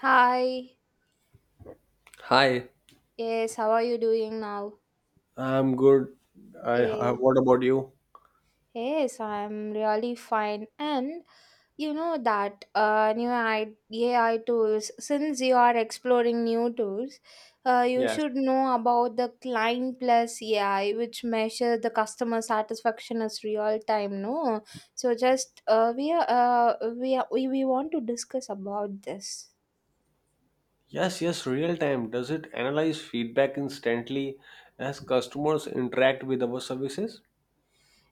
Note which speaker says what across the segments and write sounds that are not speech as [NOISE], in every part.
Speaker 1: Hi.
Speaker 2: Hi,
Speaker 1: Yes, how are you doing now?
Speaker 2: I'm good.
Speaker 1: Yes,
Speaker 2: What about you?
Speaker 1: yes, I'm really fine. And you know that AI tools, since you are exploring new tools, you should know about the Client Plus AI, which measures the customer satisfaction as real time. No, so just we want to discuss about this.
Speaker 2: Yes, yes, real time. Does it analyze feedback instantly as customers interact with our services?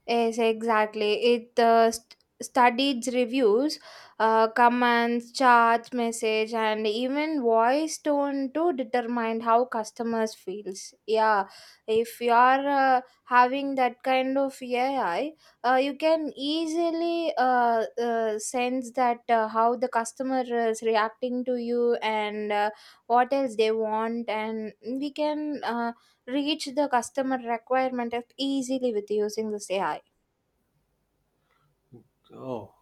Speaker 1: Yes, exactly. It studied reviews, commands, charts, message, and even voice tone to determine how customers feels. Yeah, if you are having that kind of AI, you can easily sense that how the customer is reacting to you, and what else they want, and we can reach the customer requirement easily with using this AI.
Speaker 2: Oh,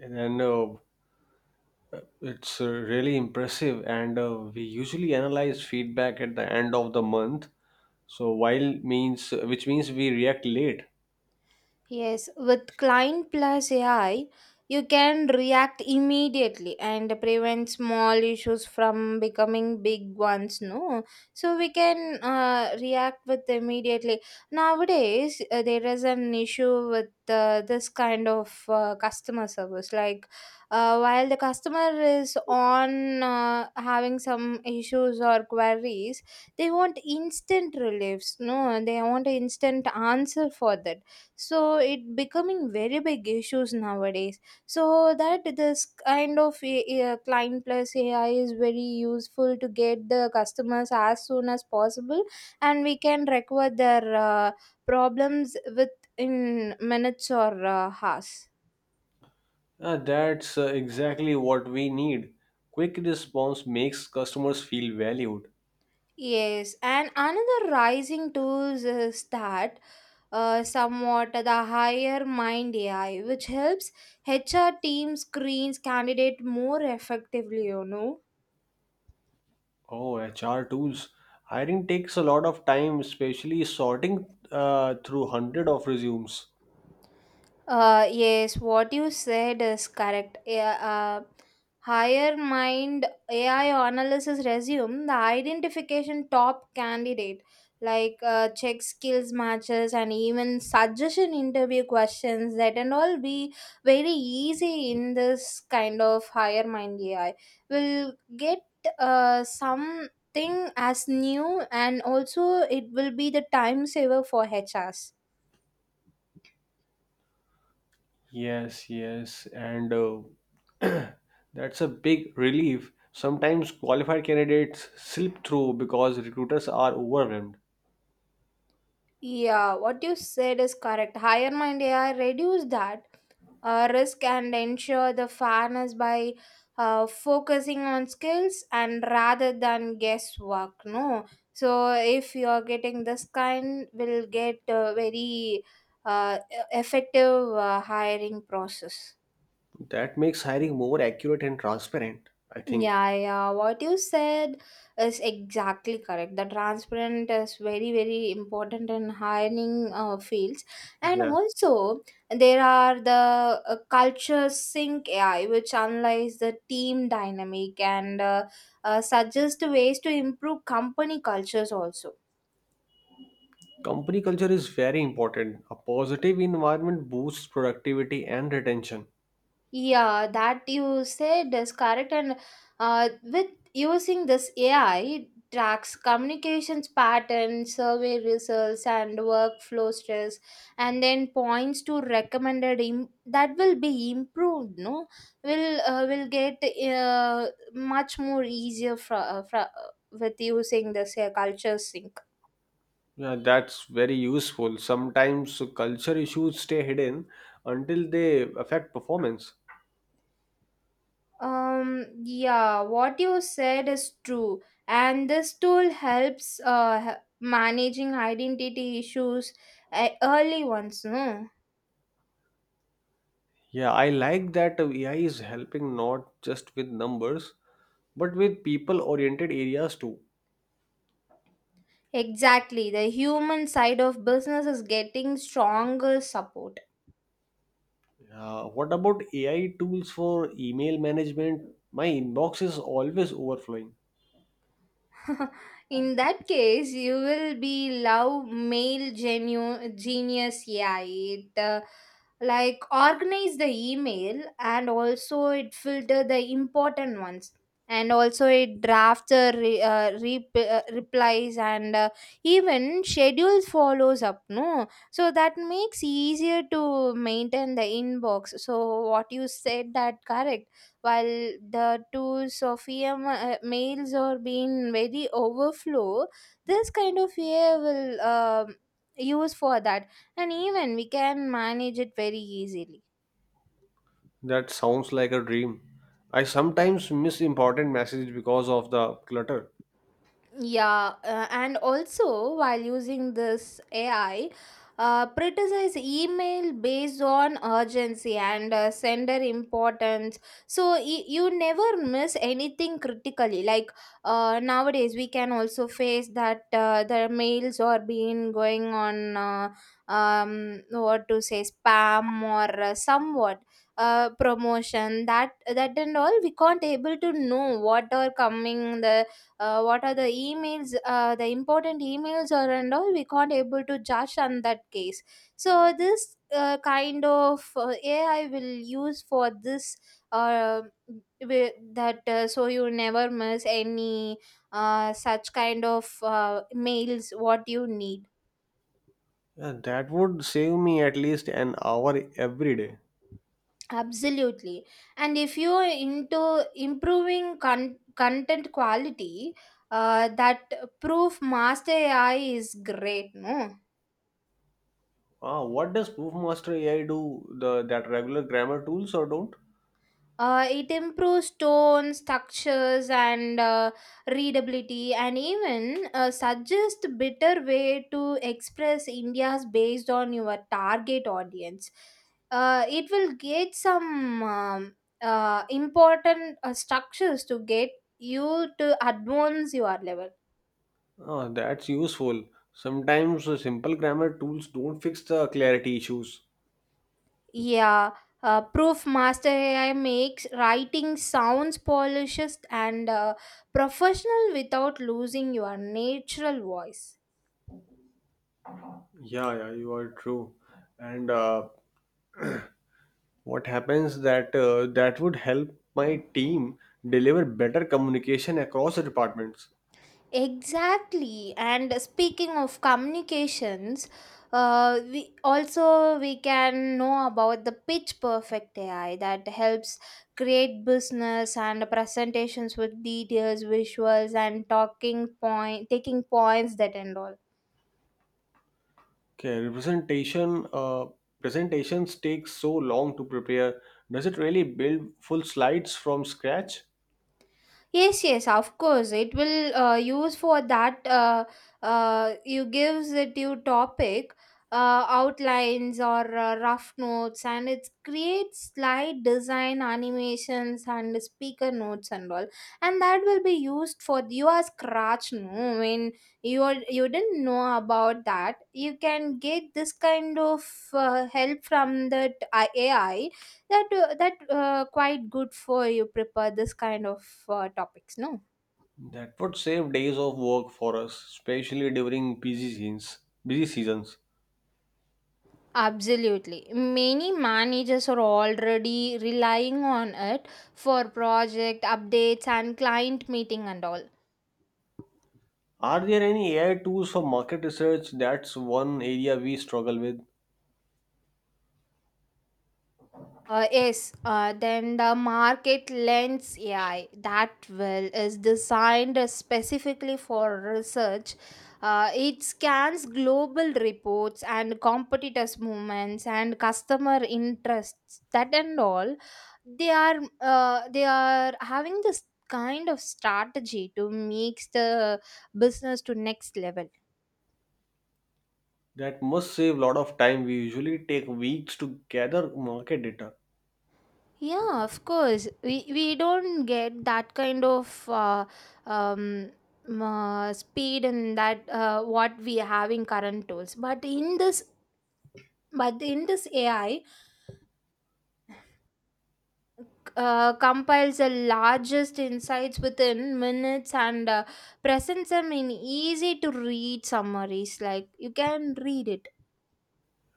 Speaker 2: and then it's really impressive. And we usually analyze feedback at the end of the month. So while means which means we react late.
Speaker 1: Yes, with Client Plus AI, you can react immediately and prevent small issues from becoming big ones. No, so we can react with immediately. Nowadays, there is an issue with this kind of customer service. Like, while the customer is on having some issues or queries, they want instant reliefs. No, they want instant answer for that, so it becoming very big issues nowadays, so that this kind of client plus AI is very useful to get the customers as soon as possible, and we can record their problems within minutes or hours.
Speaker 2: That's Exactly what we need. Quick response makes customers feel valued.
Speaker 1: Yes, and another rising tools is that, somewhat the higher mind AI which helps HR team screens candidate more effectively, you know.
Speaker 2: Oh, HR tools. Hiring takes a lot of time, especially sorting through hundred of resumes.
Speaker 1: Yes, what you said is correct. Yeah. Higher mind AI analysis resume the identification top candidate, like check skills matches and even suggestion interview questions that and all be very easy in this kind of higher mind AI. Will get something as new, and also it will be the time saver for HRs.
Speaker 2: Yes, yes, and [CLEARS THROAT] That's a big relief. Sometimes qualified candidates slip through because recruiters are overwhelmed.
Speaker 1: Yeah, what you said is correct. Higher mind AI reduce that risk and ensure the fairness by focusing on skills and rather than guesswork. No, so if you are getting this kind, will get very effective hiring process.
Speaker 2: That makes hiring more accurate and transparent, I think.
Speaker 1: Yeah, yeah, what you said is exactly correct. The transparent is very, very important in hiring fields, and
Speaker 2: Yeah.
Speaker 1: also there are the culture sync AI, which analyze the team dynamic and suggest ways to improve company cultures also.
Speaker 2: Company culture is very important. A positive environment boosts productivity and retention.
Speaker 1: Yeah, that you said is correct. And with using this AI, tracks communications patterns, survey results, and workflow stress, and then points to that will be improved. No, will get uh, much more easier for with using this culture sync.
Speaker 2: Yeah, that's very useful. Sometimes culture issues stay hidden until they affect performance.
Speaker 1: Yeah, what you said is true, and this tool helps managing identity issues early ones, no?
Speaker 2: Yeah, I like that AI is helping not just with numbers, but with people oriented areas too.
Speaker 1: Exactly, the human side of business is getting stronger support.
Speaker 2: What about AI tools for email management? My inbox is always overflowing.
Speaker 1: [LAUGHS] In that case, you will be love male genius. Yeah, it like organize the email, and also it filter the important ones, and also it draft the replies, and even schedules follows up, no, so that makes easier to maintain the inbox. So what you said that correct, while the two Sophia males are being very overflow, this kind of AI will use for that, and even we can manage it very easily.
Speaker 2: That sounds like a dream. I sometimes miss important messages because of the clutter.
Speaker 1: Yeah, and also while using this AI, prioritize email based on urgency and sender importance. So you never miss anything critically. Like nowadays, we can also face that the mails are being going on what to say spam or somewhat promotion, that and all. We can't able to know what are coming, the what are the emails, the important emails or and all, we can't able to judge on that case. So this kind of AI will use for this, uh, wi- that so you never miss any such kind of mails what you need.
Speaker 2: Yeah, that would save me at least an hour every day.
Speaker 1: Absolutely. And if you are into improving content quality, that proof master AI is great, no.
Speaker 2: Ah, what does Proofmaster AI do? The that regular grammar tools or don't?
Speaker 1: It improves tone, structures, and readability, and even suggests better way to express India's based on your target audience. It will get some important structures to get you to advance your level.
Speaker 2: Ah, that's useful. Sometimes the simple grammar tools don't fix the clarity issues.
Speaker 1: Yeah, Proof Master AI makes writing sounds polished and professional without losing your natural voice.
Speaker 2: Yeah, yeah, you are true. And What happens that would help my team deliver better communication across the departments.
Speaker 1: Exactly. And speaking of communications, we can know about the pitch perfect AI that helps create business and presentations with details, visuals, and talking point, taking points, that and all.
Speaker 2: Okay, representation presentations take so long to prepare. Does it really build full slides from scratch?
Speaker 1: Yes, yes, of course. It will use for that. You gives it you topic, outlines or rough notes, and it creates slide design, animations, and speaker notes and all. And that will be used for your scratch. No, when you are, you didn't know about that, you can get this kind of help from that AI, that that quite good for you prepare this kind of topics, no.
Speaker 2: That would save days of work for us, especially during busy seasons. Busy seasons.
Speaker 1: Absolutely. Many managers are already relying on it for project updates and client meeting and all.
Speaker 2: Are there any AI tools for market research? That's one area we struggle with.
Speaker 1: Yes, then the market lens AI that well is designed specifically for research. It scans global reports and competitors' movements and customer interests, that and all. They are they are having this kind of strategy to make the business to next level.
Speaker 2: That must save a lot of time. We usually take weeks to gather market data,
Speaker 1: Yeah, of course. We don't get that kind of um, speed and that what we have in current tools. But in this AI compiles the largest insights within minutes and presents them in easy to read summaries. Like you can read it.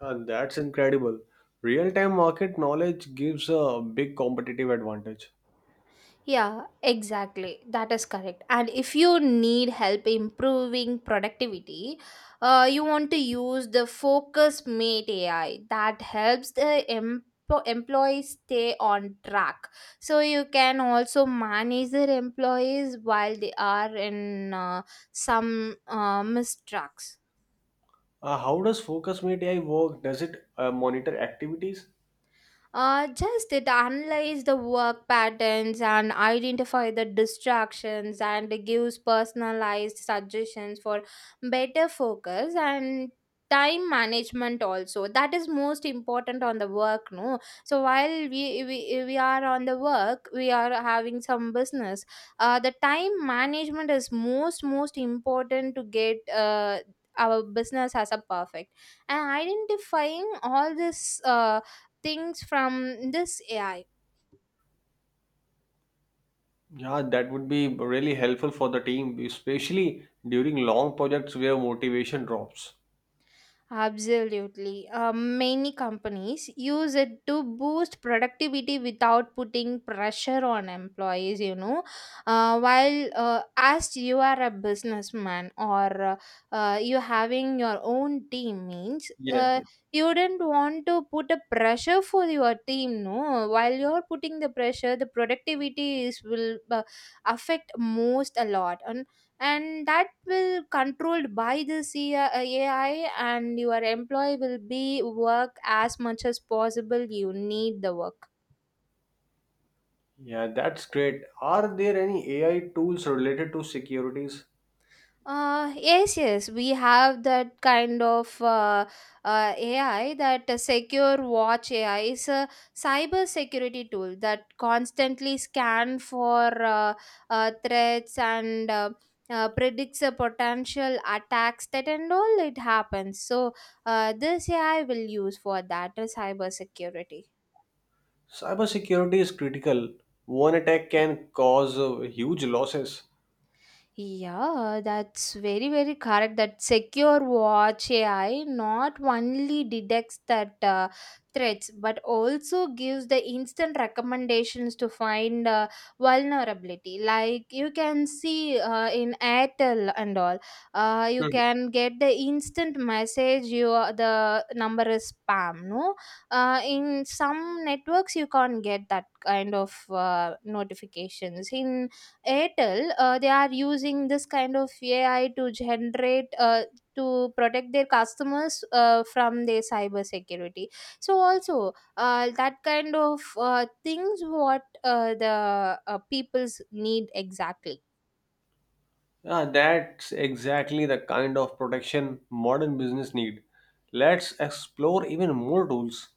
Speaker 2: and that's incredible. Real-time market knowledge gives a big competitive advantage.
Speaker 1: Yeah, exactly. That is correct. And if you need help improving productivity, you want to use the Focus Mate AI that helps the employees stay on track. So you can also manage their employees while they are in some mistracks.
Speaker 2: How does Focus Meet AI work? Does it monitor activities?
Speaker 1: Just it analyze the work patterns and identify the distractions and gives personalized suggestions for better focus and time management also, that is most important on the work, no. So while we are on the work, we are having some business, the time management is most important to get our business as a perfect, and identifying all this things from this AI.
Speaker 2: Yeah, that would be really helpful for the team, especially during long projects where motivation drops.
Speaker 1: Absolutely. Many companies use it to boost productivity without putting pressure on employees, you know. While as you are a businessman or you having your own team means,
Speaker 2: Yes. Yes.
Speaker 1: you wouldn't want to put a pressure for your team, no. While you're putting the pressure, the productivity is will affect most a lot, and that will controlled by this AI, and your employee will be work as much as possible you need the work.
Speaker 2: Yeah, that's great. Are there any AI tools related to securities?
Speaker 1: Yes, yes, we have that kind of AI that secure watch AI is a cyber security tool that constantly scan for threats and predicts a potential attacks that and all it happens. So this AI will use for that cyber security.
Speaker 2: Cybersecurity is critical. One attack can cause huge losses.
Speaker 1: Yeah, that's very, very correct. That secure watch AI not only detects that threats but also gives the instant recommendations to find vulnerability. Like you can see in Airtel and all, you
Speaker 2: Hmm.
Speaker 1: can get the instant message, your the number is spam. No, in some networks you can't get that kind of notifications. In Airtel, they are using this kind of AI to generate to protect their customers from their cyber security. So also that kind of things what the people's need exactly.
Speaker 2: Yeah, that's exactly the kind of protection modern business need. Let's explore even more tools.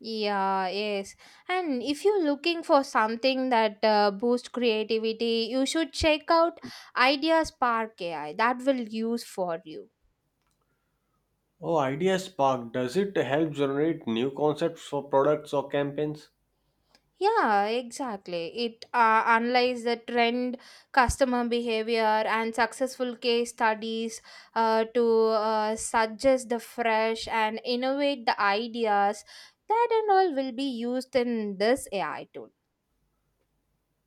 Speaker 1: Yeah, yes. And if you're looking for something that boosts creativity, you should check out Idea Spark AI. That will use for you.
Speaker 2: Oh, Idea Spark, does it help generate new concepts for products or campaigns?
Speaker 1: Yeah, exactly. It analyzes the trend, customer behavior, and successful case studies to suggest the fresh and innovate the ideas that and all will be used in this AI tool.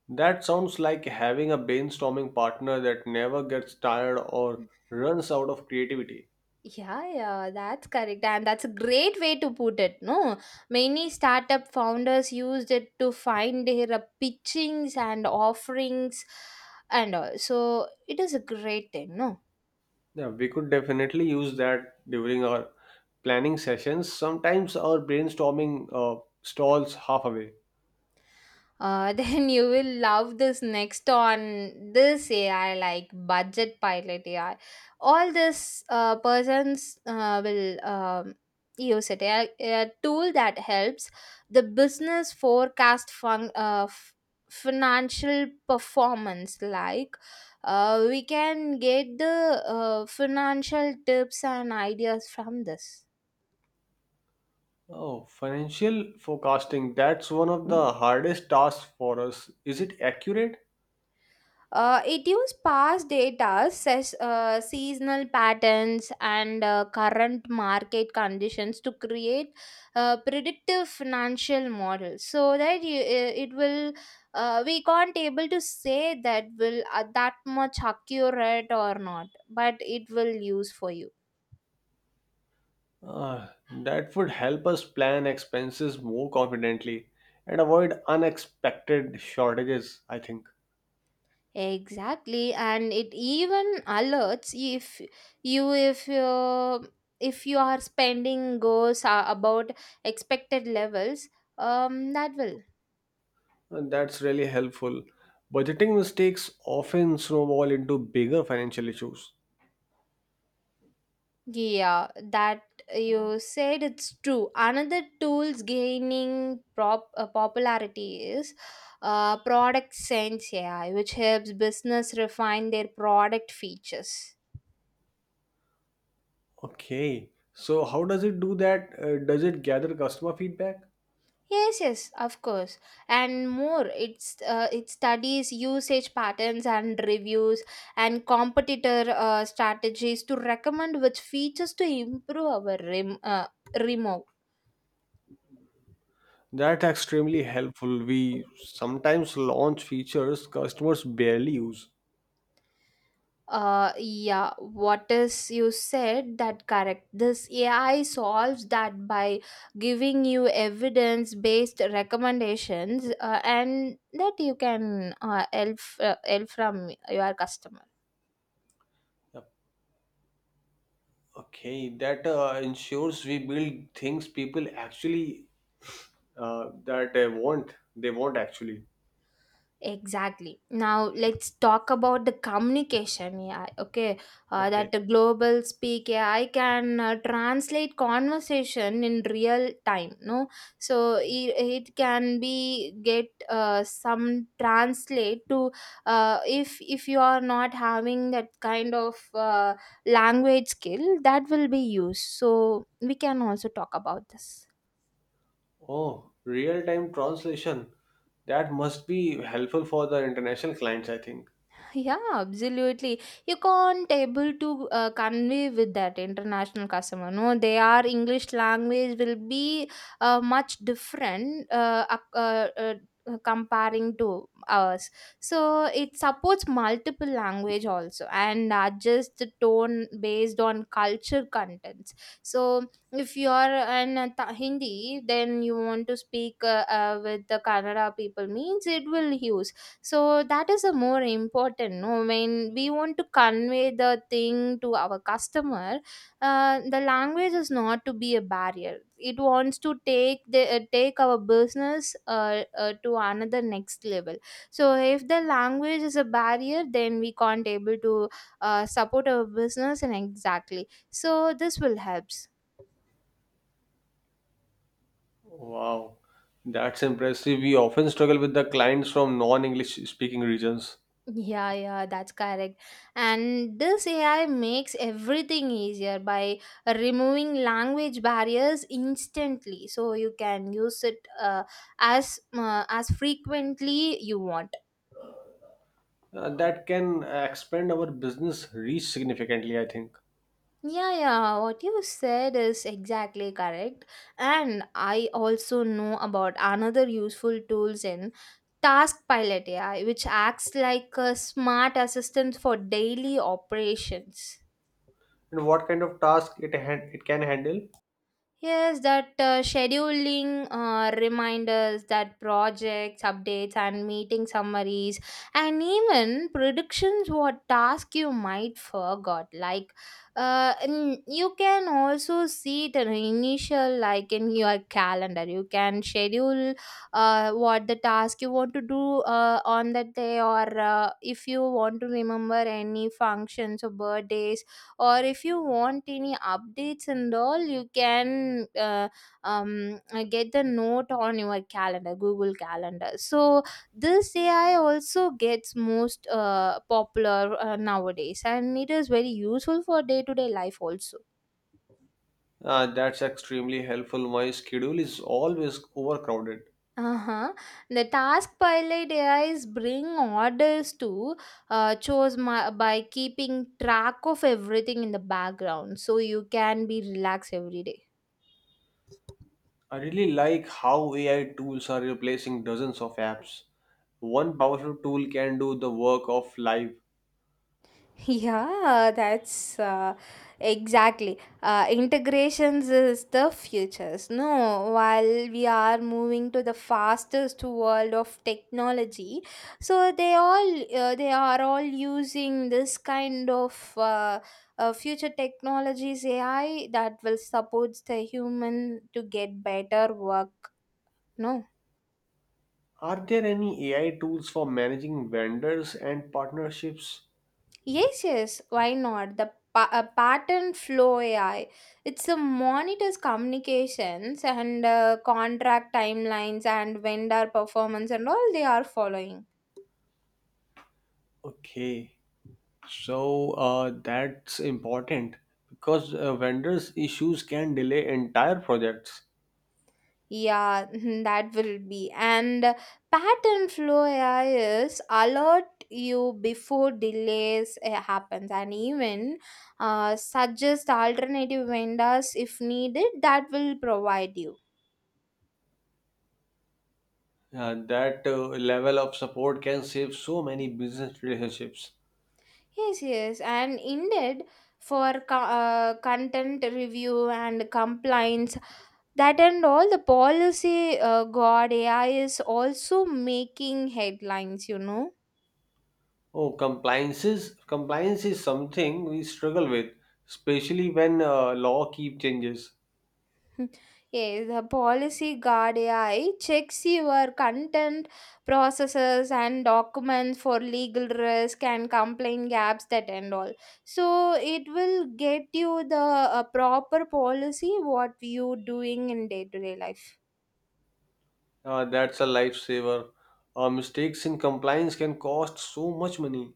Speaker 2: That sounds like having a brainstorming partner that never gets tired or runs out of creativity.
Speaker 1: Yeah, yeah, that's correct. And that's a great way to put it. No, many startup founders used it to find their pitchings and offerings and all. So it is a great thing, no?
Speaker 2: Yeah, we could definitely use that during our planning sessions. Sometimes our brainstorming stalls half away.
Speaker 1: [LAUGHS] Then you will love this next on this AI, like budget pilot AI. All this persons will use it. A tool that helps the business forecast financial performance. Like we can get the financial tips and ideas from this.
Speaker 2: Oh, financial forecasting, that's one of the hardest tasks for us. Is it accurate?
Speaker 1: It uses past data, seasonal patterns, and current market conditions to create predictive financial models. So that you, it will, we can't able to say that will that much accurate or not, but it will use for you.
Speaker 2: Uh, that would help us plan expenses more confidently and avoid unexpected shortages, I think.
Speaker 1: Exactly, and it even alerts you if you if your spending goes about expected levels. That will
Speaker 2: And that's really helpful. Budgeting mistakes often snowball into bigger financial issues.
Speaker 1: yeah that you said it's true. Another tools gaining prop popularity is product sense AI, which helps business refine their product features.
Speaker 2: Okay, so how does it do that? Does it gather customer feedback?
Speaker 1: Yes, yes, of course, and more. It studies usage patterns and reviews and competitor strategies to recommend which features to improve our remote.
Speaker 2: That's extremely helpful. We sometimes launch features customers barely use.
Speaker 1: Yeah, what is you said that correct? This AI solves that by giving you evidence based recommendations, and that you can help from your customer.
Speaker 2: Yep. Okay, that ensures we build things people actually, that they want. They want actually.
Speaker 1: Exactly. Now let's talk about the communication AI. Okay, that
Speaker 2: Okay.
Speaker 1: the global speak AI can translate conversation in real time. No, so it can be get some translate to if you are not having that kind of language skill, that will be used. So we can also talk about this.
Speaker 2: Oh, real-time translation. That must be helpful for the international clients, I think.
Speaker 1: Yeah, absolutely. You can't able to convey with that international customer. No, their English language will be much different comparing to ours. So it supports multiple language also and adjusts the tone based on culture contents. So if you are in Hindi, then you want to speak with the Kannada people means it will use, so that is a more important no when we want to convey the thing to our customer. The language is not to be a barrier, it wants to take the take our business to another next level. So if the language is a barrier, then we can't able to support our business. And exactly, so this will helps.
Speaker 2: Wow, that's impressive. We often struggle with the clients from non-English speaking regions.
Speaker 1: Yeah, yeah, that's correct. And this AI makes everything easier by removing language barriers instantly. So you can use it as frequently you want.
Speaker 2: That can expand our business reach significantly, I think.
Speaker 1: Yeah, yeah, what you said is exactly correct. And I also know about another useful tools in Task Pilot AI, which acts like a smart assistant for daily operations.
Speaker 2: And what kind of task it can handle?
Speaker 1: Yes, that scheduling reminders, that projects, updates, and meeting summaries, and even predictions what task you might forgot. Like, and you can also see the initial, like in your calendar, you can schedule what the task you want to do on that day, or if you want to remember any functions or birthdays, or if you want any updates and all, you can get the note on your calendar, google calendar. So this AI also gets most popular nowadays, and it is very useful for day to day life also.
Speaker 2: That's extremely helpful. My schedule is always overcrowded.
Speaker 1: Uh-huh. The task pilot AIs bring orders to chose my, by keeping track of everything in the background, so you can be relaxed every day.
Speaker 2: I really like how AI tools are replacing dozens of apps. One powerful tool can do the work of live.
Speaker 1: Yeah, that's Exactly. Integrations is the futures. No, while we are moving to the fastest world of technology, so they are all using this kind of future technologies AI that will support the human to get better work. No.
Speaker 2: Are there any AI tools for managing vendors and partnerships?
Speaker 1: Yes, yes, why not? The pattern flow AI. It's a monitors communications and contract timelines and vendor performance and all they are following.
Speaker 2: Okay, so that's important because vendors' issues can delay entire projects.
Speaker 1: Yeah, [LAUGHS] that will be. And pattern flow AI is alert you before delays happens, and even suggest alternative vendors if needed, that will provide you.
Speaker 2: That Level of support can save so many business relationships.
Speaker 1: Yes, yes, and indeed for content review and compliance, that and all the policy god AI is also making headlines, you know.
Speaker 2: Oh, compliances. Compliance is something we struggle with, especially when law keep changes.
Speaker 1: [LAUGHS] Yes, the policy guard AI checks your content, processes, and documents for legal risk and complaint gaps that and all. So it will get you the proper policy what you doing in day to day life.
Speaker 2: That's a lifesaver. Mistakes in compliance can cost so much money.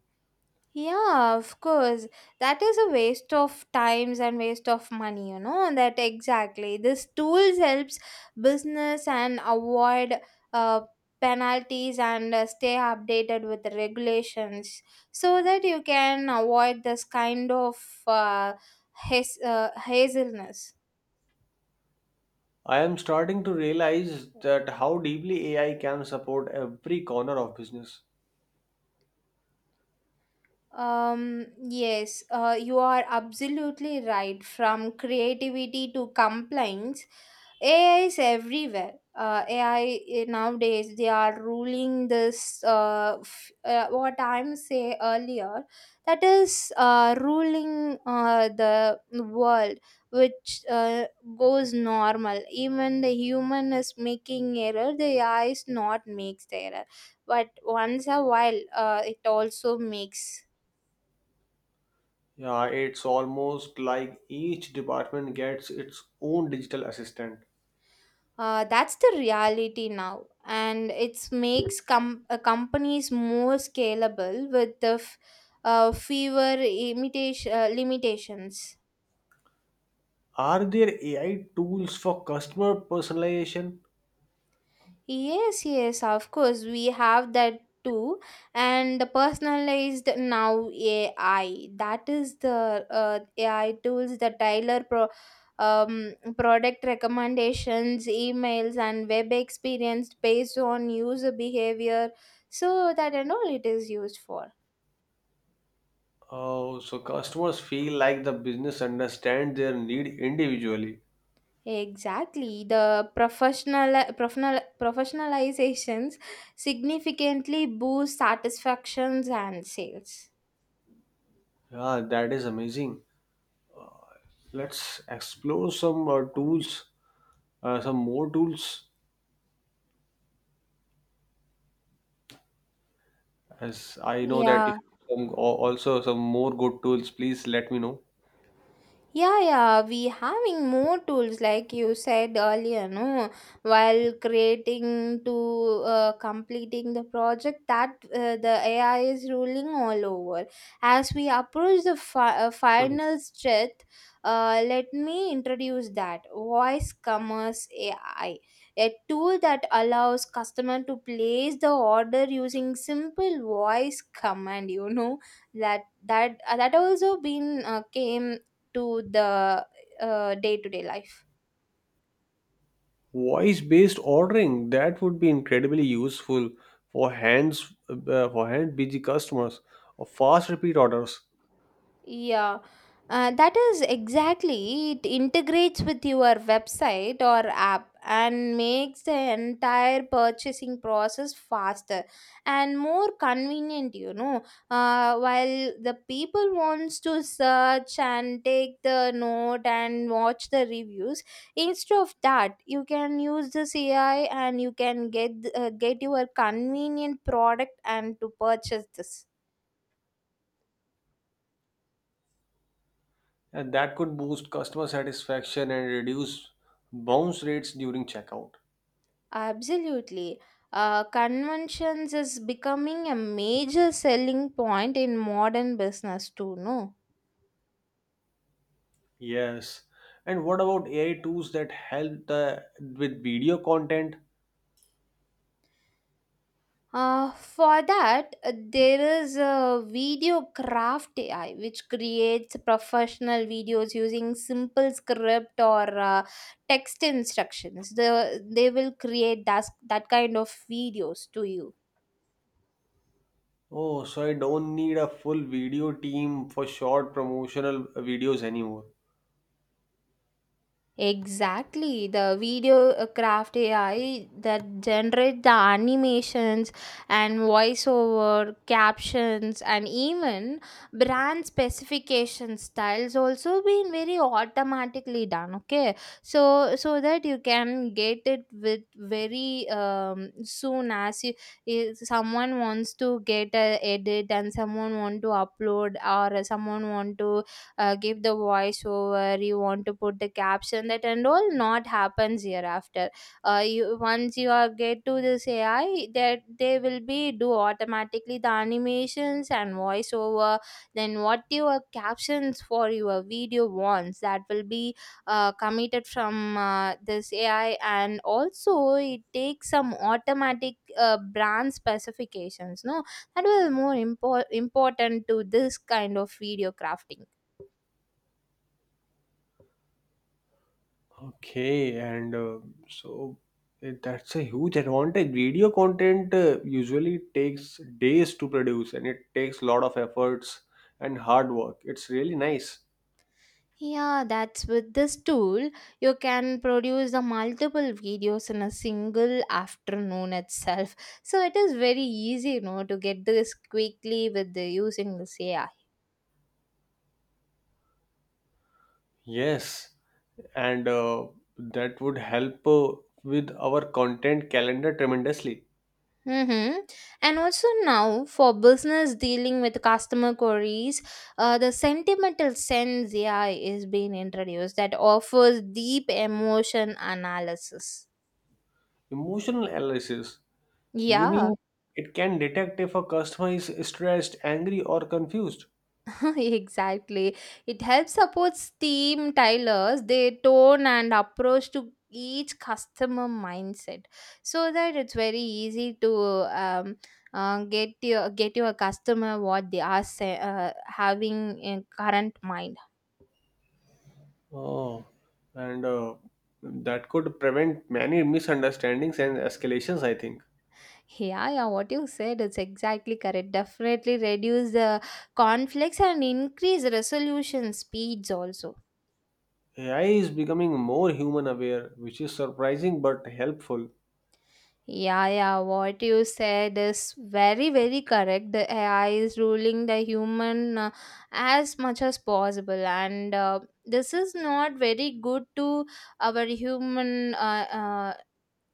Speaker 1: Yeah, of course. That is a waste of times and waste of money, you know. That exactly. This tools helps business and avoid uh, penalties and stay updated with the regulations, so that you can avoid this kind of uh, haz- hazelness.
Speaker 2: I am starting to realize that how deeply AI can support every corner of business.
Speaker 1: Yes, you are absolutely right. From creativity to complaints, AI is everywhere. AI nowadays they are ruling this. What I'm say earlier, that is ruling the world, which goes normal. Even the human is making error. The AI is not makes the error, but once a while, it also makes.
Speaker 2: Yeah, it's almost like each department gets its own digital assistant.
Speaker 1: That's the reality now, and it makes companies more scalable with the fewer imitation limitations.
Speaker 2: Are there AI tools for customer personalization?
Speaker 1: Yes, yes, of course, we have that too. And the personalized now AI, that is the AI tools, the Tyler Pro. Product recommendations, emails, and web experience based on user behavior, so that and all it is used for.
Speaker 2: Oh, so customers feel like the business understands their need individually.
Speaker 1: Exactly, the professional professional professionalizations significantly boost satisfactions and sales.
Speaker 2: Yeah, that is amazing. Let's explore some tools, some more tools. As I know that you
Speaker 1: Yeah.
Speaker 2: have some also some more good tools, please let me know.
Speaker 1: Yeah, yeah, we having more tools like you said earlier, no? While creating to completing the project that the AI is ruling all over. As we approach the
Speaker 2: Mhm.
Speaker 1: final stretch, let me introduce that voice commerce AI, a tool that allows customer to place the order using simple voice command. You know that that also been came to the day-to-day life.
Speaker 2: Voice-based ordering, that would be incredibly useful for hand busy customers or fast repeat orders,
Speaker 1: Yeah, that is exactly. It integrates with your website or app and makes the entire purchasing process faster and more convenient, you know. While the people wants to search and take the note and watch the reviews, instead of that you can use the AI, and you can get your convenient product and to purchase this.
Speaker 2: and that could boost customer satisfaction and reduce bounce rates during checkout.
Speaker 1: Absolutely. Conventions is becoming a major selling point in modern business too, no?
Speaker 2: Yes. And what about AI tools that help the with video content?
Speaker 1: For that, there is a video craft AI which creates professional videos using simple script or text instructions. They will create that, that kind of videos to you.
Speaker 2: Oh, so I don't need a full video team for short promotional videos anymore.
Speaker 1: Exactly, the video craft AI that generate the animations and voiceover captions and even brand specification styles also been very automatically done. Okay, so so that you can get it with very soon as you, if someone wants to get a edit and someone want to upload or someone want to give the voiceover, you want to put the caption, that and all not happens hereafter. You once you are get to this AI, that they will be do automatically the animations and voiceover, then what your captions for your video wants, that will be committed from this AI. And also it takes some automatic brand specifications, no, that was more important to this kind of video crafting.
Speaker 2: Okay, and so that's a huge advantage. Video content usually takes days to produce and it takes a lot of efforts and hard work. It's really nice.
Speaker 1: Yeah, that's with this tool, you can produce the multiple videos in a single afternoon itself. So it is very easy, you know, to get this quickly with the using this AI.
Speaker 2: Yes, and that would help with our content calendar tremendously.
Speaker 1: Mm-hmm. And also now for business dealing with customer queries, the sentimental sense AI is being introduced that offers deep emotion analysis.
Speaker 2: Emotional analysis. You
Speaker 1: Yeah.
Speaker 2: mean it can detect if a customer is stressed, angry, or confused?
Speaker 1: Exactly. It helps supports team tailors, their tone and approach to each customer mindset, so that it's very easy to get your customer what they are say, having in current mind.
Speaker 2: Oh, and that could prevent many misunderstandings and escalations, I think.
Speaker 1: Yeah, yeah, what you said is exactly correct. Definitely reduce the conflicts and increase resolution speeds also.
Speaker 2: AI is becoming more human aware, which is surprising but helpful.
Speaker 1: Yeah, yeah, what you said is very, very correct. The AI is ruling the human as much as possible, and this is not very good to our human uh,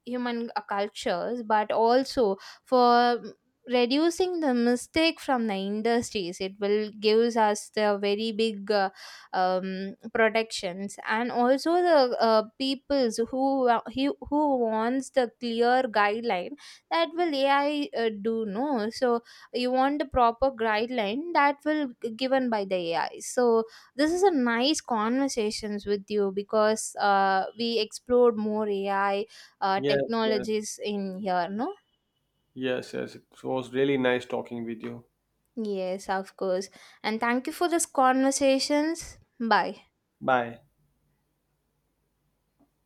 Speaker 1: cultures, but also for reducing the mistake from the industries. It will gives us the very big protections, and also the peoples who wants the clear guideline, that will AI do, no. So you want the proper guideline, that will given by the AI. So this is a nice conversations with you, because we explored more AI
Speaker 2: Yes, yes,
Speaker 1: technologies in here, no?
Speaker 2: yes, yes. It was really nice talking with you.
Speaker 1: Yes, of course. And thank you for this conversations. Bye.
Speaker 2: Bye.